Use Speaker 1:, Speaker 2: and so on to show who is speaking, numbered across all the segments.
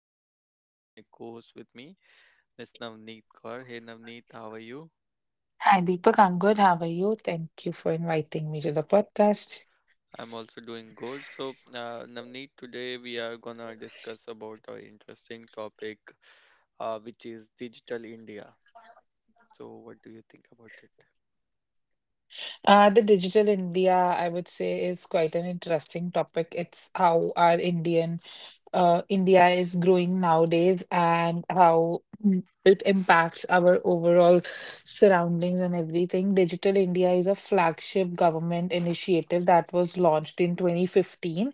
Speaker 1: excited to invite my co-host with me, Miss Navneet Kaur. Hey Navneet, how are you?
Speaker 2: Hi, Deepak. I'm good. How are you? Thank you for inviting me to the podcast.
Speaker 1: I'm also doing good. So Navneet, today we are gonna discuss about our interesting topic, which is digital India. So what do you think about it?
Speaker 2: The digital India, I would say, is quite an interesting topic. It's how our India is growing nowadays and how it impacts our overall surroundings and everything. Digital India is a flagship government initiative that was launched in 2015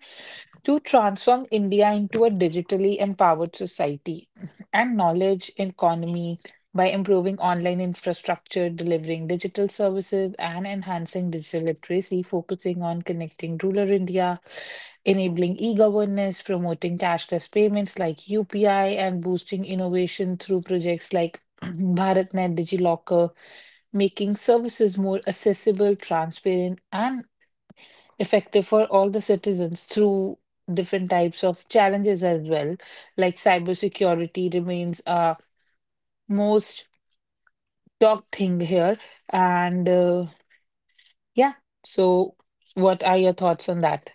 Speaker 2: to transform India into a digitally empowered society and knowledge economy by improving online infrastructure, delivering digital services, and enhancing digital literacy, focusing on connecting rural India, enabling e governance, promoting cashless payments like UPI, and boosting innovation through projects like BharatNet DigiLocker, making services more accessible, transparent, and effective for all the citizens through different types of challenges as well. Like cybersecurity remains a most talked thing here. And Yeah, so what are your thoughts on that?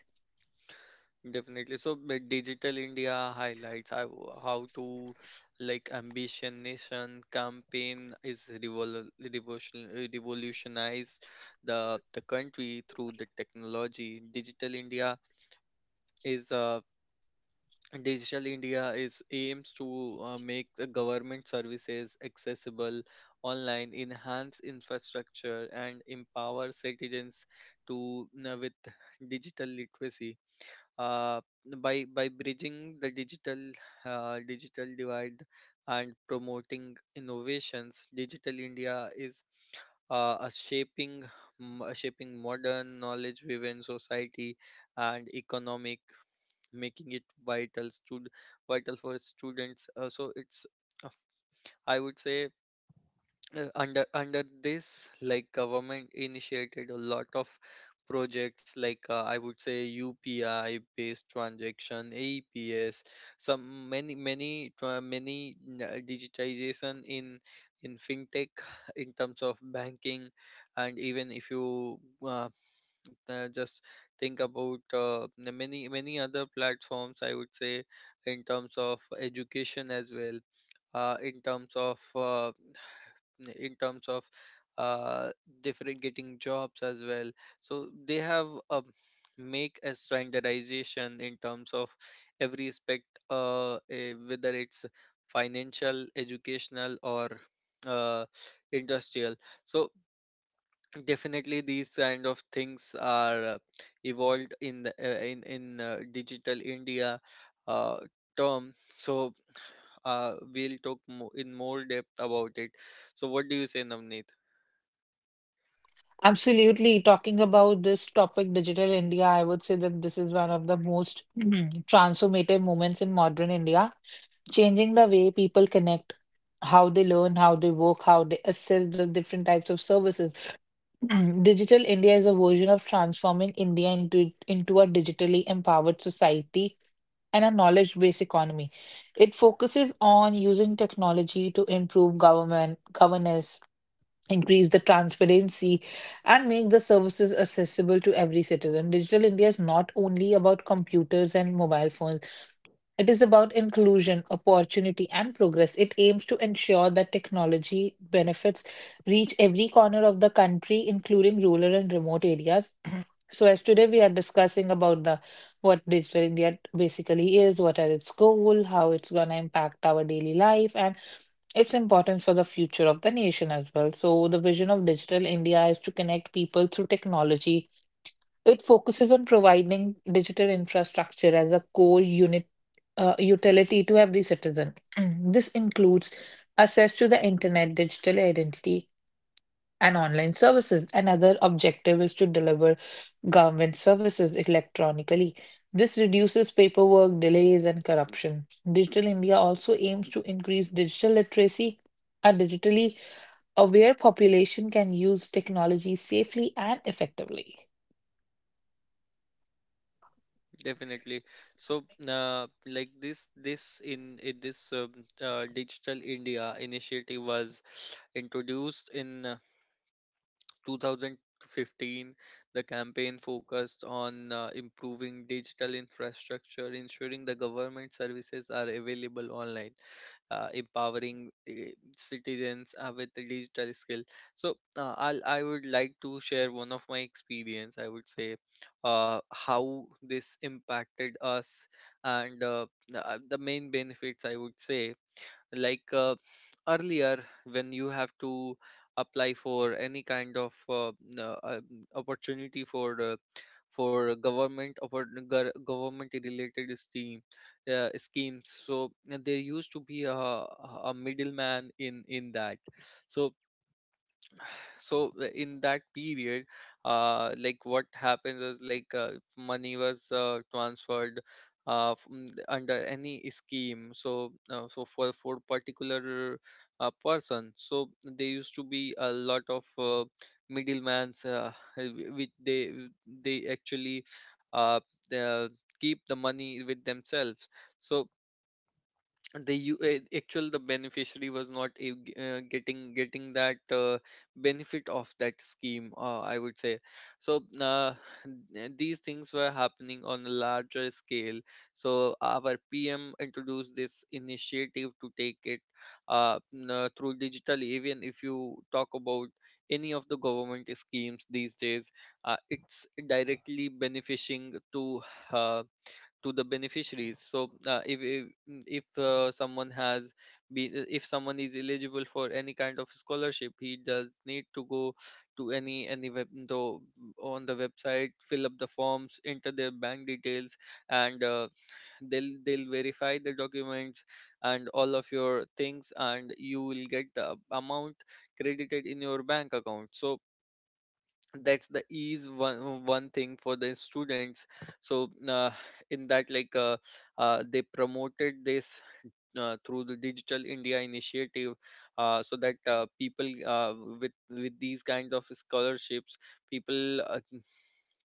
Speaker 1: Definitely. So like, Digital India highlights how to like Ambition Nation campaign is revolutionized the country through the technology. Is uh, Digital India is aims to make the government services accessible online, enhance infrastructure, and empower citizens to with digital literacy, uh, by bridging the digital divide and promoting innovations. Digital India is a a shaping modern knowledge driven society and economic, making it vital for students. So it's, uh, I would say, under this like government initiated a lot of projects like, I would say, UPI based transaction APS, some many many tra- many digitization in fintech, in terms of banking, and even if you, uh, just think about, the many many other platforms, I would say, in terms of education as well, in terms of, in terms of uh, different getting jobs as well. So they have make a standardization in terms of every aspect, whether it's financial, educational, or uh, industrial. So definitely these kind of things are evolved in the, in digital India uh, term. So we'll talk in more depth about it. So what do you say, Navneet?
Speaker 2: Absolutely. Talking about this topic, Digital India, I would say that this is one of the most Mhm. Transformative moments in modern India, changing the way people connect, how they learn, how they work, how they assess the different types of services. Digital India is a version of transforming India into a digitally empowered society and a knowledge-based economy. It focuses on using technology to improve government governance, increase the transparency, and make the services accessible to every citizen. Digital India is not only about computers and mobile phones. It is about inclusion, opportunity, and progress. It aims to ensure that technology benefits reach every corner of the country, including rural and remote areas. So, as today we are discussing about the what digital India basically is, what are its goal, how it's gonna impact our daily life, and its importance for the future of the nation as well. So, the vision of digital India is to connect people through technology. It focuses on providing digital infrastructure as a core unit utility to every citizen. This includes access to the internet, digital identity, and online services. Another objective is to deliver government services electronically. This reduces paperwork, delays, and corruption. Digital India also aims to increase digital literacy. A digitally aware population can use technology safely and effectively.
Speaker 1: Definitely. So, like this in this Digital India initiative was introduced in 2015. The campaign focused on improving digital infrastructure, ensuring the government services are available online, empowering citizens with the digital skill. So I would like to share one of my experience. I would say, how this impacted us and the main benefits. I would say like, earlier, when you have to apply for any kind of n- uh, uh, opportunity for, for government or government related schemes, so there used to be a, middleman in that. So in that period, what happens is like, if money was transferred from the- under any scheme, so for particular person, so there used to be a lot of middlemans, which they actually, uh, they keep the money with themselves. So actual the beneficiary was not getting that benefit of that scheme, I would say. So these things were happening on a larger scale. So our PM introduced this initiative to take it through digital. Even if you talk about any of the government schemes these days, it's directly benefiting to, uh, to the beneficiaries. So if someone is eligible for any kind of scholarship, he does need to go to any web though on the website, fill up the forms, enter their bank details, and they'll verify the documents and all of your things, and you will get the amount credited in your bank account. So that's the ease, one thing for the students. So in that like they promoted this through the Digital India initiative, so that people with these kinds of scholarships, people uh,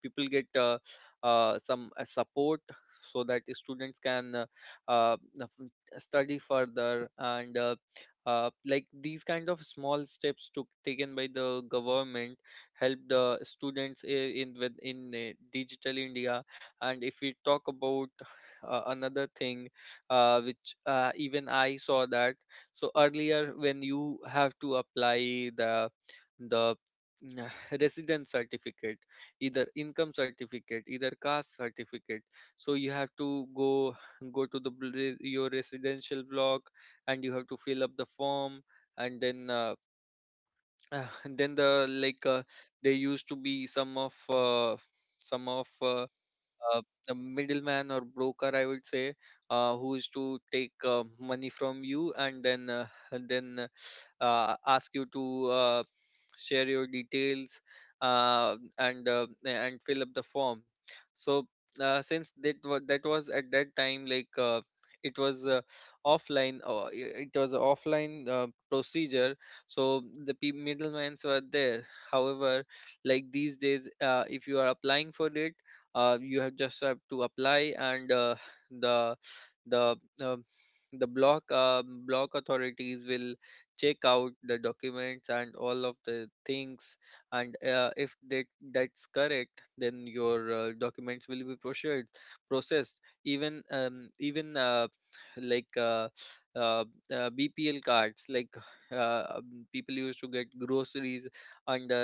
Speaker 1: people get, some support, so that the students can, uh, study further. And like these kind of small steps took taken by the government helped the students in Digital India. And if we talk about another thing which, even I saw that. So earlier, when you have to apply the mm, residence certificate, either income certificate, either caste certificate, so you have to go go to the bl- re- your residential block, and you have to fill up the form, and then and then there used to be some of, uh, a middleman or broker, I would say, who is to take money from you, and then and then ask you to share your details and and fill up the form. So since that was at that time, like it was offline. It was a offline procedure, so the middlemans were there. However, like these days, if you are applying for it, you have just have to apply, and the the um the block, block authorities will check out the documents and all of the things. And if that's correct, then your documents will be processed. Even even, like uh, uh, BPL cards, like, people used to get groceries under,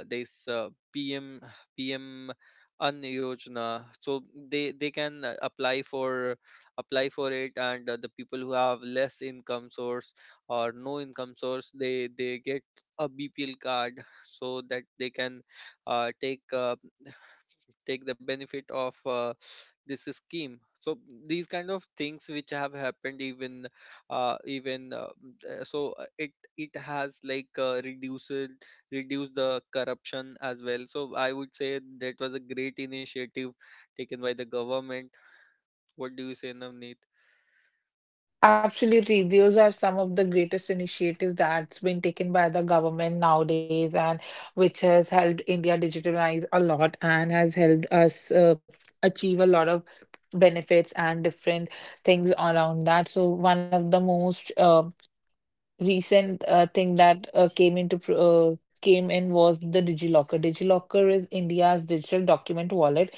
Speaker 1: this PM an Yojana. So they can apply for it, and the people who have less income source or no income source, they get a BPL card, so that they can uh, take uh, take the benefit of this scheme. So these kind of things which have happened, even even so it it has reduced the corruption as well. So I would say that was a great initiative taken by the government. What do you say, Navneet?
Speaker 2: Absolutely. Those are some of the greatest initiatives that's been taken by the government nowadays and which has helped India digitalize a lot and has helped us achieve a lot of benefits and different things around that. So one of the most recent thing that came in was the DigiLocker. DigiLocker is India's digital document wallet.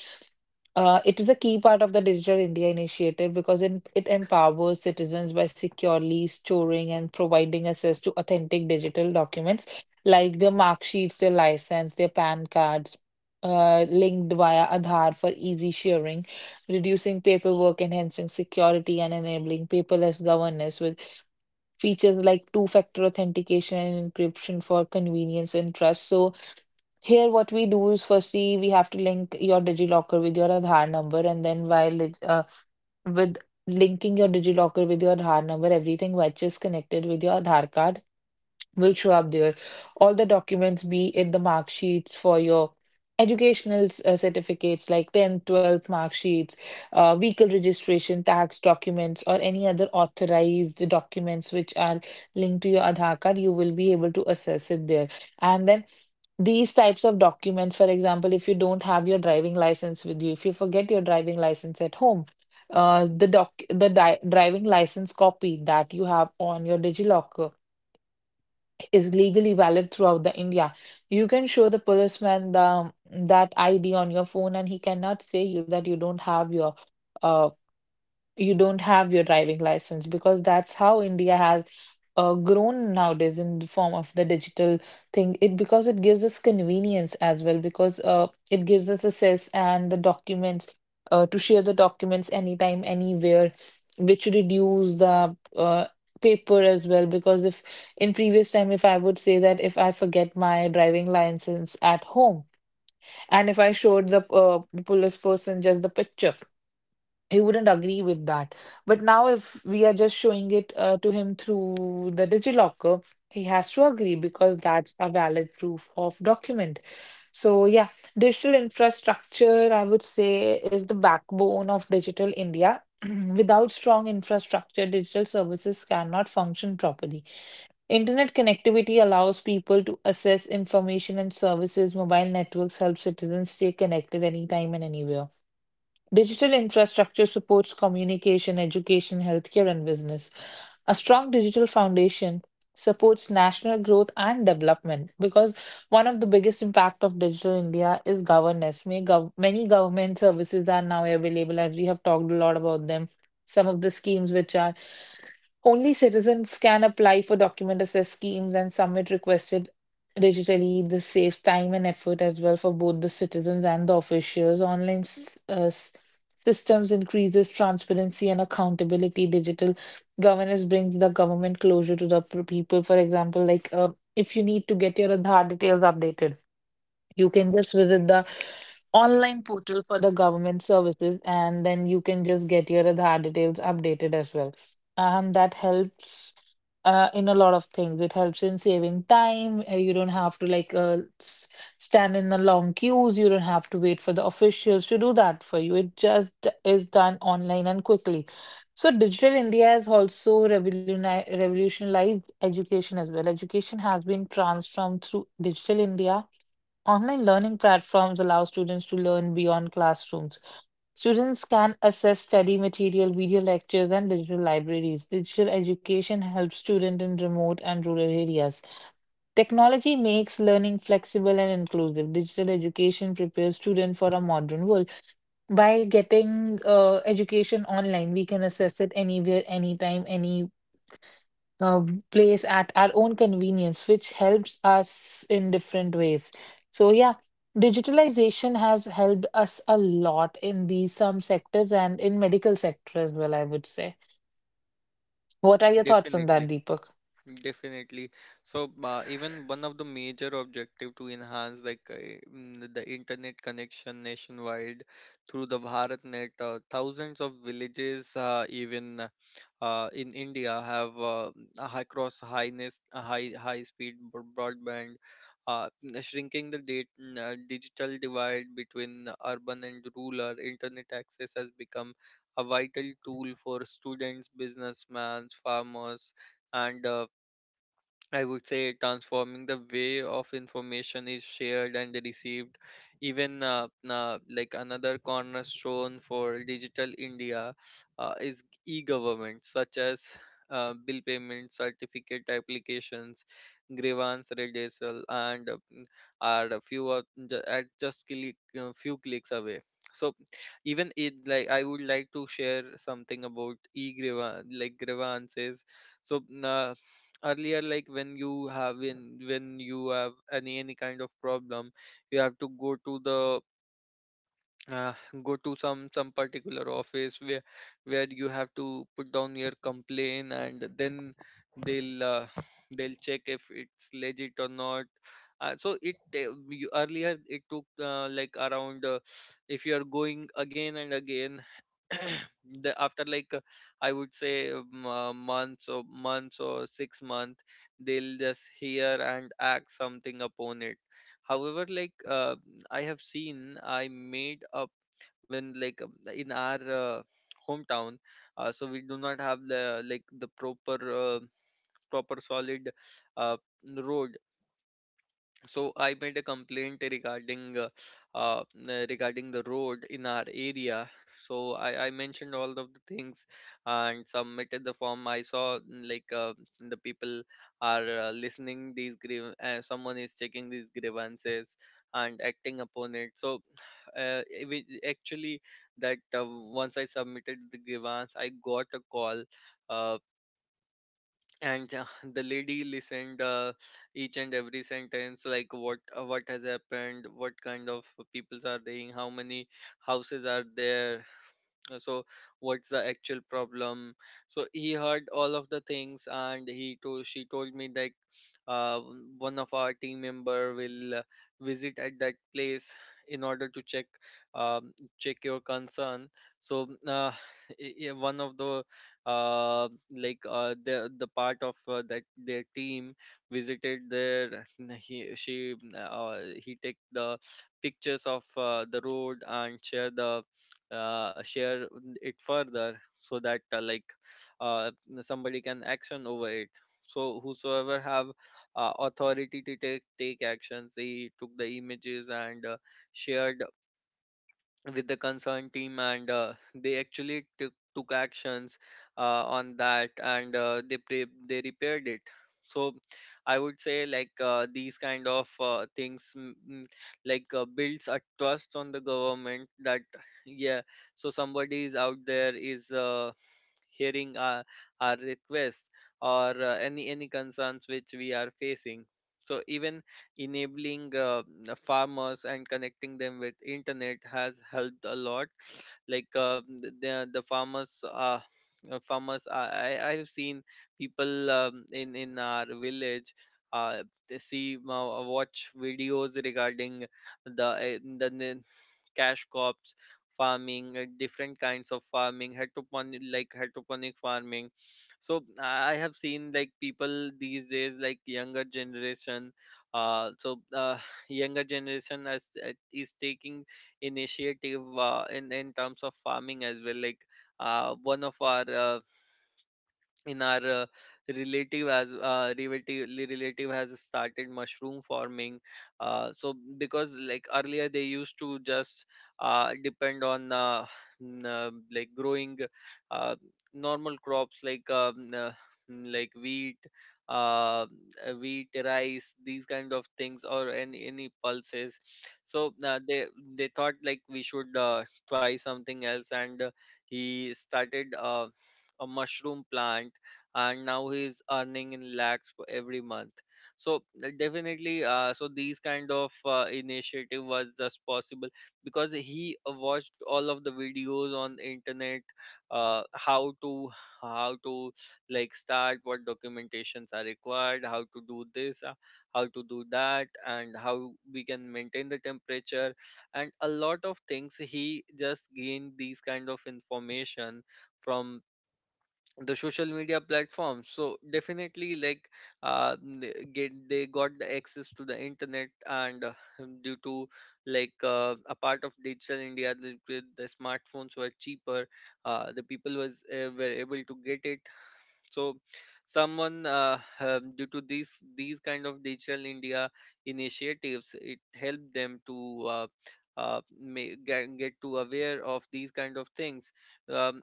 Speaker 2: It is a key part of the Digital India initiative because it empowers citizens by securely storing and providing access to authentic digital documents like their mark sheets, their license, their PAN cards, linked via Aadhaar for easy sharing, reducing paperwork, enhancing security, and enabling paperless governance with features like two-factor authentication and encryption for convenience and trust. So, here, what we do is firstly, we have to link your DigiLocker with your Aadhaar number, and then while it, with linking your DigiLocker with your Aadhaar number, everything which is connected with your Aadhaar card will show up there. All the documents, be it the mark sheets for your educational certificates like 10th, 12th mark sheets, vehicle registration, tax documents, or any other authorized documents which are linked to your Aadhaar card, you will be able to access it there. And then these types of documents, for example, if you don't have your driving license with you, if you forget your driving license at home, the doc the di driving license copy that you have on your DigiLocker is legally valid throughout the India. You can show the policeman the that ID on your phone, and he cannot say you that uh, you don't have your driving license, because that's how India has grown nowadays in the form of the digital thing. It because it gives us convenience as well because it gives us access and the documents to share the documents anytime, anywhere, which reduce the paper as well because if in previous time, if I would say that if I forget my driving license at home and if I showed the police person just the picture, he wouldn't agree with that. But now, if we are just showing it to him through the DigiLocker, he has to agree because that's a valid proof of document. So, yeah, digital infrastructure, I would say, is the backbone of digital India. Without strong infrastructure, digital services cannot function properly. Internet connectivity allows people to access information and services. Mobile networks help citizens stay connected anytime and anywhere. Digital infrastructure supports communication, education, healthcare, and business. A strong digital foundation supports national growth and development, because one of the biggest impact of digital India is governance. Many government services are now available as we have talked a lot about them. Some of the schemes which are only citizens can apply for document assist schemes and submit requested digitally. This saves time and effort as well for both the citizens and the officials. Online systems increases transparency and accountability. Digital governance brings the government closure to the people. For example, if you need to get your Aadhaar details updated, you can just visit the online portal for the government services and then you can just get your Aadhaar details updated as well. And that helps in a lot of things. It helps in saving time. You don't have to stand in the long queues. You don't have to wait for the officials to do that for you. It just is done online and quickly. So Digital India has also revolutionized education as well. Education has been transformed through Digital India. Online learning platforms allow students to learn beyond classrooms. Students can access study material, video lectures, and digital libraries. Digital education helps students in remote and rural areas. Technology makes learning flexible and inclusive. Digital education prepares students for a modern world. By getting education online, we can access it anywhere, anytime, any uh, place at our own convenience, which helps us in different ways. So, yeah, digitalization has helped us a lot in these some sectors and in medical sector as well, I would say. What are your thoughts on that,
Speaker 1: definitely
Speaker 2: Deepak?
Speaker 1: Definitely. So, even one of the major objective to enhance like, the internet connection nationwide through the BharatNet, thousands of villages, even in India, have high cross highness, high high speed broadband, shrinking the digital divide between urban and rural. Internet access has become a vital tool for students, businessmen, farmers, and I would say transforming the way of information is shared and received. Even, like another cornerstone for Digital India is e-government, such as bill payments, certificate applications, grievance redressal, and, are a few of, ju- at just few clicks away. So even it like I would like to share something about e-grievance, like grievances. So earlier, like when you have in when you have any kind of problem, you have to go to the, uh, go to some particular office, where you have to put down your complaint, and then they'll uh, they'll check if it's legit or not. So earlier it took like around, if you are going again and again, the after like, I would say, months or 6 months, they'll just hear and act something upon it. However, like, I have seen I made up when like, in our hometown, so we do not have the like the proper, uh, proper solid uh, road. So I made a complaint regarding, uh, regarding the road in our area. So I mentioned all of the things and submitted the form. I saw, the people are listening these someone is checking these grievances and acting upon it. So it was actually that, once I submitted the grievance, I got a call. Uh, and the lady listened each and every sentence, like what has happened, what kind of peoples are there, how many houses are there, so what's the actual problem? So he heard all of the things, and he told she told me, like, one of our team member will visit at that place in order to check, check your concern. So one of the, the part of that their team visited there, and he she he take the pictures of the road and share it further, so that, uh, somebody can action over it. So whosoever have authority to take actions, they took the images and shared with the concerned team. And they actually took actions on that, and they repaired it. So I would say, like, these kind of things, builds a trust on the government, that, yeah, so somebody is out there, is hearing our requests, or any concerns which we are facing. So even enabling the farmers and connecting them with internet has helped a lot. Like, the farmers, farmers, I have seen people, in our village, uh, they see watch videos regarding the cash crops farming, different kinds of farming, hydroponic, hydroponic farming. So I have seen, like, people these days, like, younger generation. So younger generation is taking initiative in terms of farming as well. Like, one of our, in our relative as relative relative has started mushroom farming, so because, like, earlier they used to just depend on, like, growing uh, normal crops, like, like, wheat, uh, wheat, rice, these kind of things, or any pulses. So they thought, like, we should try something else, and he started a mushroom plant, and now he's earning in lakhs for every month. So definitely, so these kind of initiative was just possible because he watched all of the videos on internet, uh, how to how to like, start, what documentations are required, how to do this, how to do that, and how we can maintain the temperature, and a lot of things he just gained these kind of information from the social media platforms. So definitely, like, they got the access to the internet, and due to, like, a part of Digital India, the smartphones were cheaper. The people was were able to get it. So someone, due to these kind of Digital India initiatives, it helped them to, get to aware of these kind of things. um,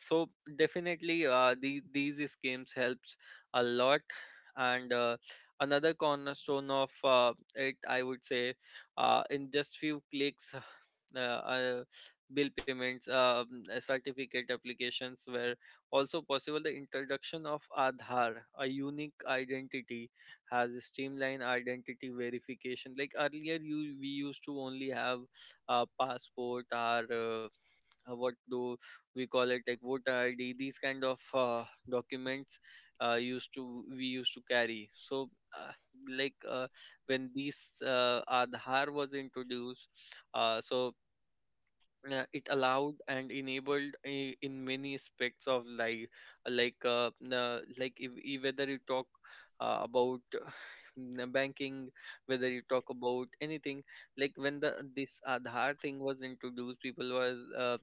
Speaker 1: so definitely, these schemes helps a lot. And, another cornerstone of it, I would say, in just few clicks, uh, uh, bill payments, certificate applications were also possible. The introduction of Aadhaar, a unique identity, has a streamlined identity verification. Like earlier, you we used to only have a passport, or, what do we call it, like, voter ID. These kind of documents used to we used to carry. So, uh, like uh, when these Aadhaar was introduced, so yeah, it allowed and enabled, in many aspects of life, like, like, if whether you talk, about, na banking, whether you talk about anything, like, when the this Aadhaar thing was introduced, people was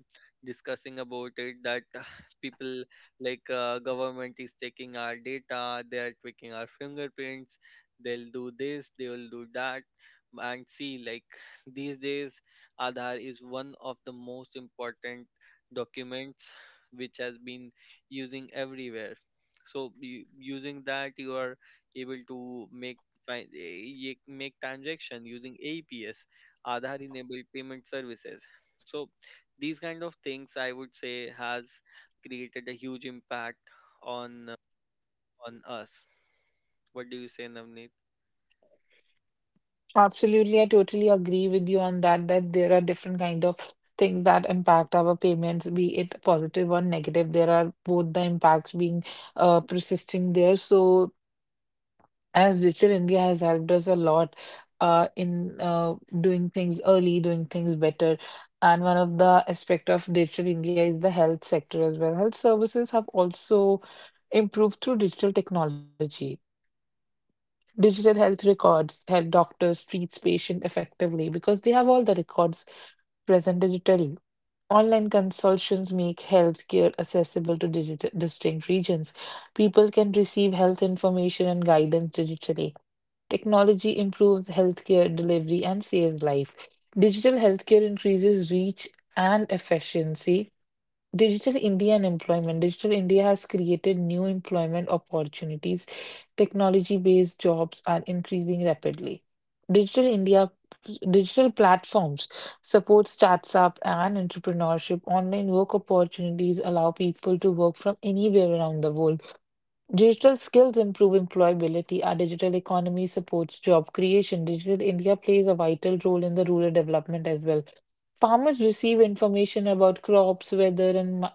Speaker 1: discussing about it, that people, like, government is taking our data, they are taking our fingerprints, they'll do this, they will do that. And see, like, these days, Aadhaar is one of the most important documents which has been using everywhere. So, using that, you are able to make, fi- e, make transaction using APS, Aadhaar enabled payment services. So, these kind of things, I would say, has created a huge impact on uh, on us. What do you say, Navneet?
Speaker 2: Absolutely, I totally agree with you on that, that there are different kind of things that impact our payments, be it positive or negative. There are both the impacts being persisting there. So as Digital India has helped us a lot in doing things early, doing things better. And one of the aspect of Digital India is the health sector as well. Health services have also improved through digital technology. Digital health records help doctors treat patient effectively because they have all the records present digitally. Online consultations make healthcare accessible to digital, distinct regions. People can receive health information and guidance digitally. Technology improves healthcare delivery and saves life. Digital healthcare increases reach and efficiency. Digital India and employment. Digital India has created new employment opportunities. Technology-based jobs are increasing rapidly. Digital India digital platforms support startup and entrepreneurship. Online work opportunities allow people to work from anywhere around the world. Digital skills improve employability. Our digital economy supports job creation. Digital India plays a vital role in the rural development as well. Farmers receive information about crops, weather, and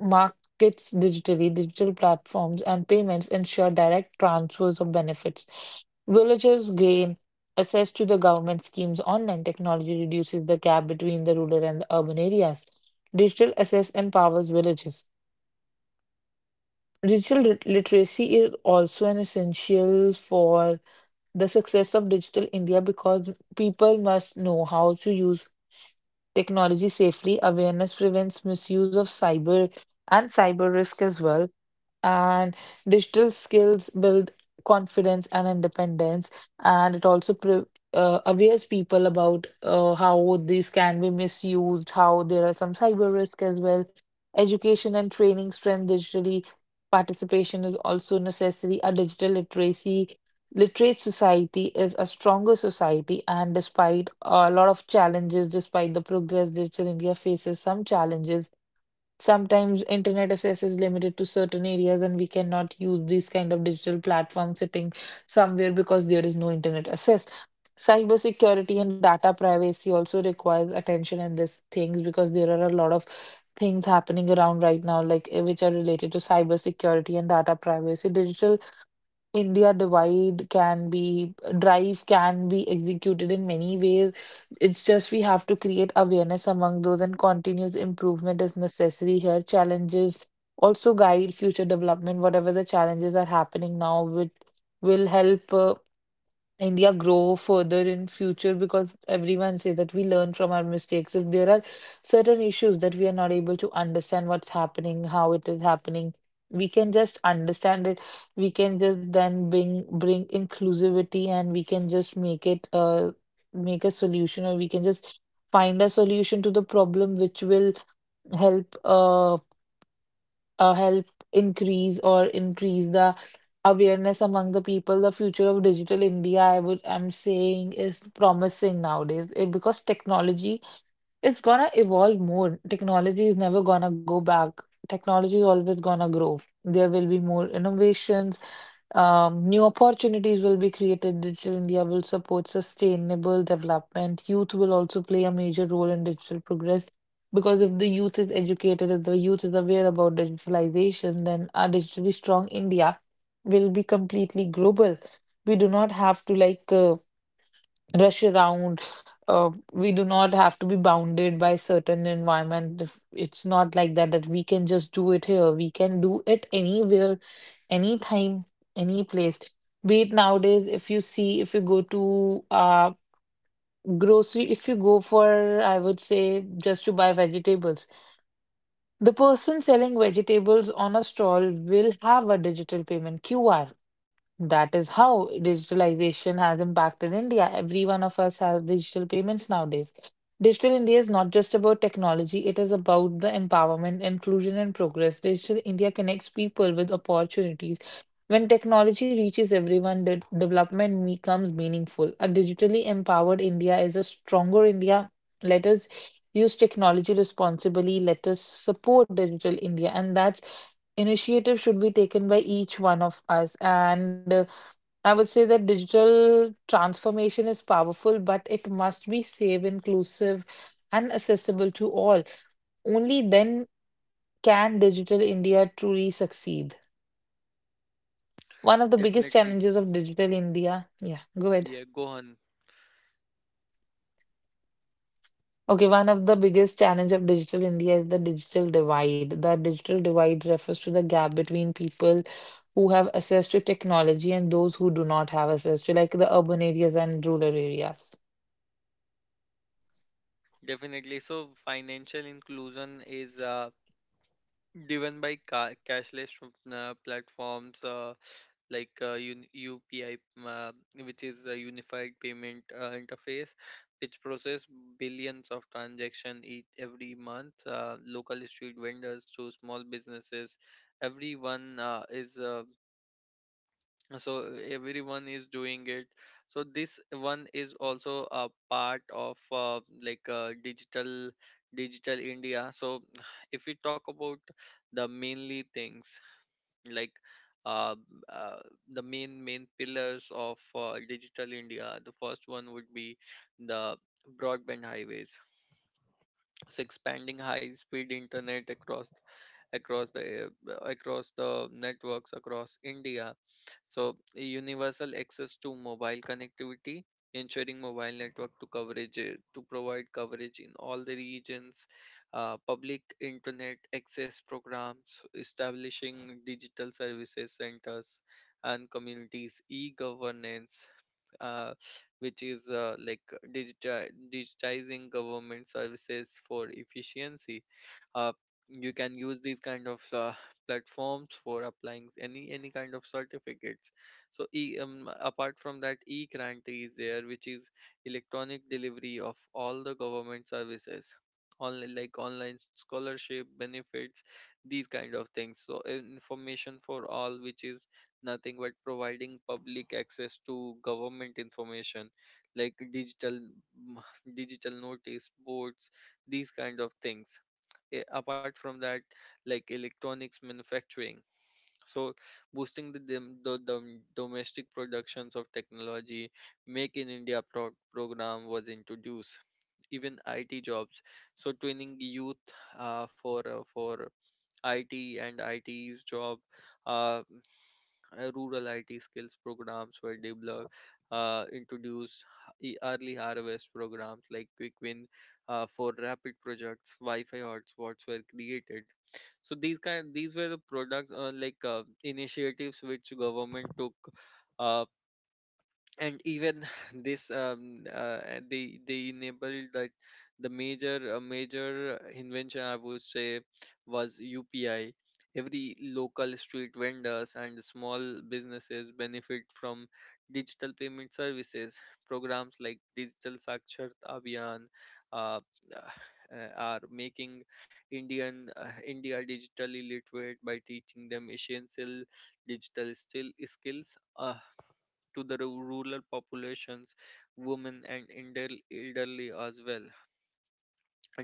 Speaker 2: markets digitally. Digital platforms and payments ensure direct transfers of benefits. Villagers gain access to the government schemes. Online technology reduces the gap between the rural and the urban areas. Digital access empowers villages. Digital literacy is also an essential for the success of Digital India because people must know how to use technology safely. Awareness prevents misuse of cyber and cyber risk as well, and digital skills build confidence and independence, and it also aware people about how these can be misused, how there are some cyber risk as well. Education and training strength digitally participation is also necessary. A digital literacy literate society is a stronger society, and despite a lot of challenges, despite the progress, digital india faces some challenges. Sometimes internet access is limited to certain areas and we cannot use these kind of digital platforms sitting somewhere because there is no internet access. Cybersecurity and data privacy also requires attention in these things because there are a lot of things happening around right now, like which are related to cybersecurity and data privacy. Digital India divide can be drive can be executed in many ways. It's just we have to create awareness among those and continuous improvement is necessary here. Challenges also guide future development, whatever the challenges are happening now, which will help. India grow further in future because everyone say that we learn from our mistakes. If there are certain issues that we are not able to understand what's happening, how it is happening, we can just understand it. We can just then bring inclusivity and we can just make it make a solution, or we can just find a solution to the problem which will help help increase the awareness among the people. The future of digital India, I'm saying, is promising nowadays because technology is gonna evolve more. Technology is never gonna go back. Technology is always gonna grow. There will be more innovations, new opportunities will be created. Digital India will support sustainable development. Youth will also play a major role in digital progress because if the youth is educated, if the youth is aware about digitalization, then a digitally strong India will be completely global. We do not have to rush around. We do not have to be bounded by certain environment. If- It's not like that that we can just do it here. We can do it anywhere, anytime, any place. Be it nowadays, if you see, if you go to grocery, if you go for, I would say, just to buy vegetables, the person selling vegetables on a stall will have a digital payment QR. That is how digitalization has impacted India. Every one of us has digital payments nowadays. Digital India is not just about technology, it is about the empowerment, inclusion, and progress. Digital India connects people with opportunities. When technology reaches everyone, development becomes meaningful. A digitally empowered India is a stronger India. Let us use technology responsibly. Let us support Digital India. And that's initiative should be taken by each one of us. And I would say that digital transformation is powerful, but it must be safe, inclusive, and accessible to all. Only then can Digital India truly succeed. One of the biggest
Speaker 1: Definitely.
Speaker 2: challenges of Digital India, yeah, go ahead.
Speaker 1: Yeah, Gohan.
Speaker 2: Okay, one of the biggest challenge of Digital India is the digital divide. The digital divide refers to the gap between people who have access to technology and those who do not have access to, like the urban areas and rural areas.
Speaker 1: Definitely. So financial inclusion is driven by cashless, platforms, like, UPI, uh, which is a unified payment, interface, which process billions of transactions each every month. Local street vendors to small businesses, everyone uh, is uh, everyone is doing it. So this one is also a part of, digital India. So, if we talk about the mainly things, like, uh, uh, the main pillars of Digital India, the first one would be the broadband highways. So expanding high speed internet across the networks across India. So, universal access to mobile connectivity, ensuring mobile network to coverage, to provide coverage in all the regions. Public internet access programs, establishing digital services centers and communities. E-governance, uh, which is, digitizing government services for efficiency. Uh, you can use these kind of platforms for applying any kind of certificates. So, apart from that, e-grant is there, which is electronic delivery of all the government services. Online, like, online scholarship benefits, these kind of things. So, information for all, which is nothing but providing public access to government information, like, digital notice boards, these kind of things. Apart from that, like, electronics manufacturing. So, boosting the domestic productions of technology. Make in India program was introduced. Even IT jobs. So, training youth for, for IT and its job. uh, Rural IT skills programs were developed, introduced. Early harvest programs like Quick Win, for rapid projects. Wi-Fi hotspots were created. So these were the products, initiatives, which government took. uh, and even, this they enabled that the major, major invention, I would say, was UPI. Every local street vendors and small businesses benefit from digital payment services. Programs like Digital Saksharta Abhiyan, uh, are making India digitally literate by teaching them essential digital still skills. To the rural populations, women and elderly as well.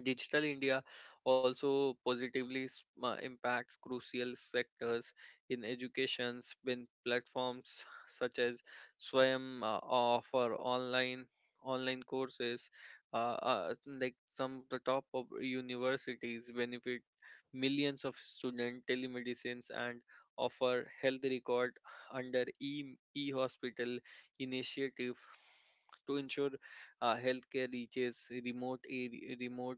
Speaker 1: Digital India also positively impacts crucial sectors. In education, when platforms such as Swayam offer online courses. Like, some of the top of universities benefit millions of student. Telemedicines and offer health record under e hospital initiative to ensure healthcare reaches, remote area, remote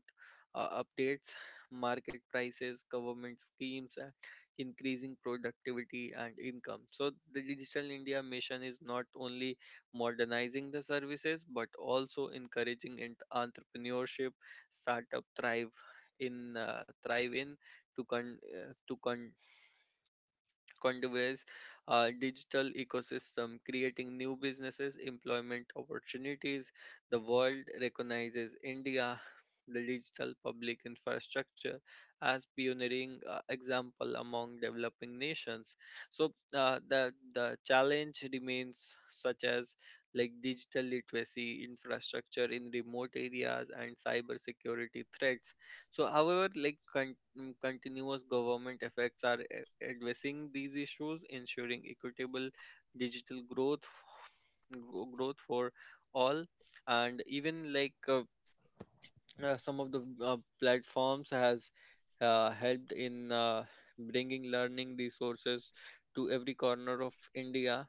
Speaker 1: updates, market prices, government schemes, and increasing productivity and income. So the Digital India mission is not only modernizing the services but also encouraging entrepreneurship, startup thrive in to con conveys a digital ecosystem, creating new businesses, employment opportunities. The world recognizes India, the digital public infrastructure, as pioneering example among developing nations. So the challenge remains, such as, like, digital literacy, infrastructure in remote areas, and cyber security threats. So, however, like, continuous government efforts are addressing these issues, ensuring equitable digital growth, growth for all, and even, like, some of the platforms has helped in bringing learning resources to every corner of India.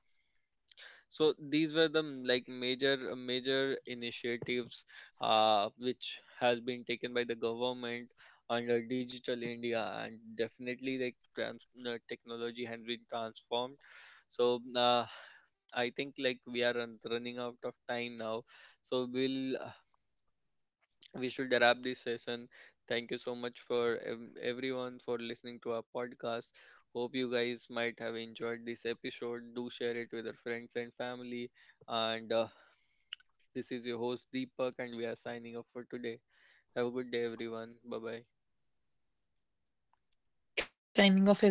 Speaker 1: So these were the, major initiatives, which has been taken by the government under Digital India. And definitely, like, technology has been transformed. So I think, like, we are running out of time now. So we'll uh, we should wrap this session. Thank you so much for everyone for listening to our podcast. Hope you guys might have enjoyed this episode. Do share it with your friends and family. And This is your host Deepak, and we are signing off for today. Have a good day, everyone. Bye bye.
Speaker 2: Signing off, everyone. Bye bye.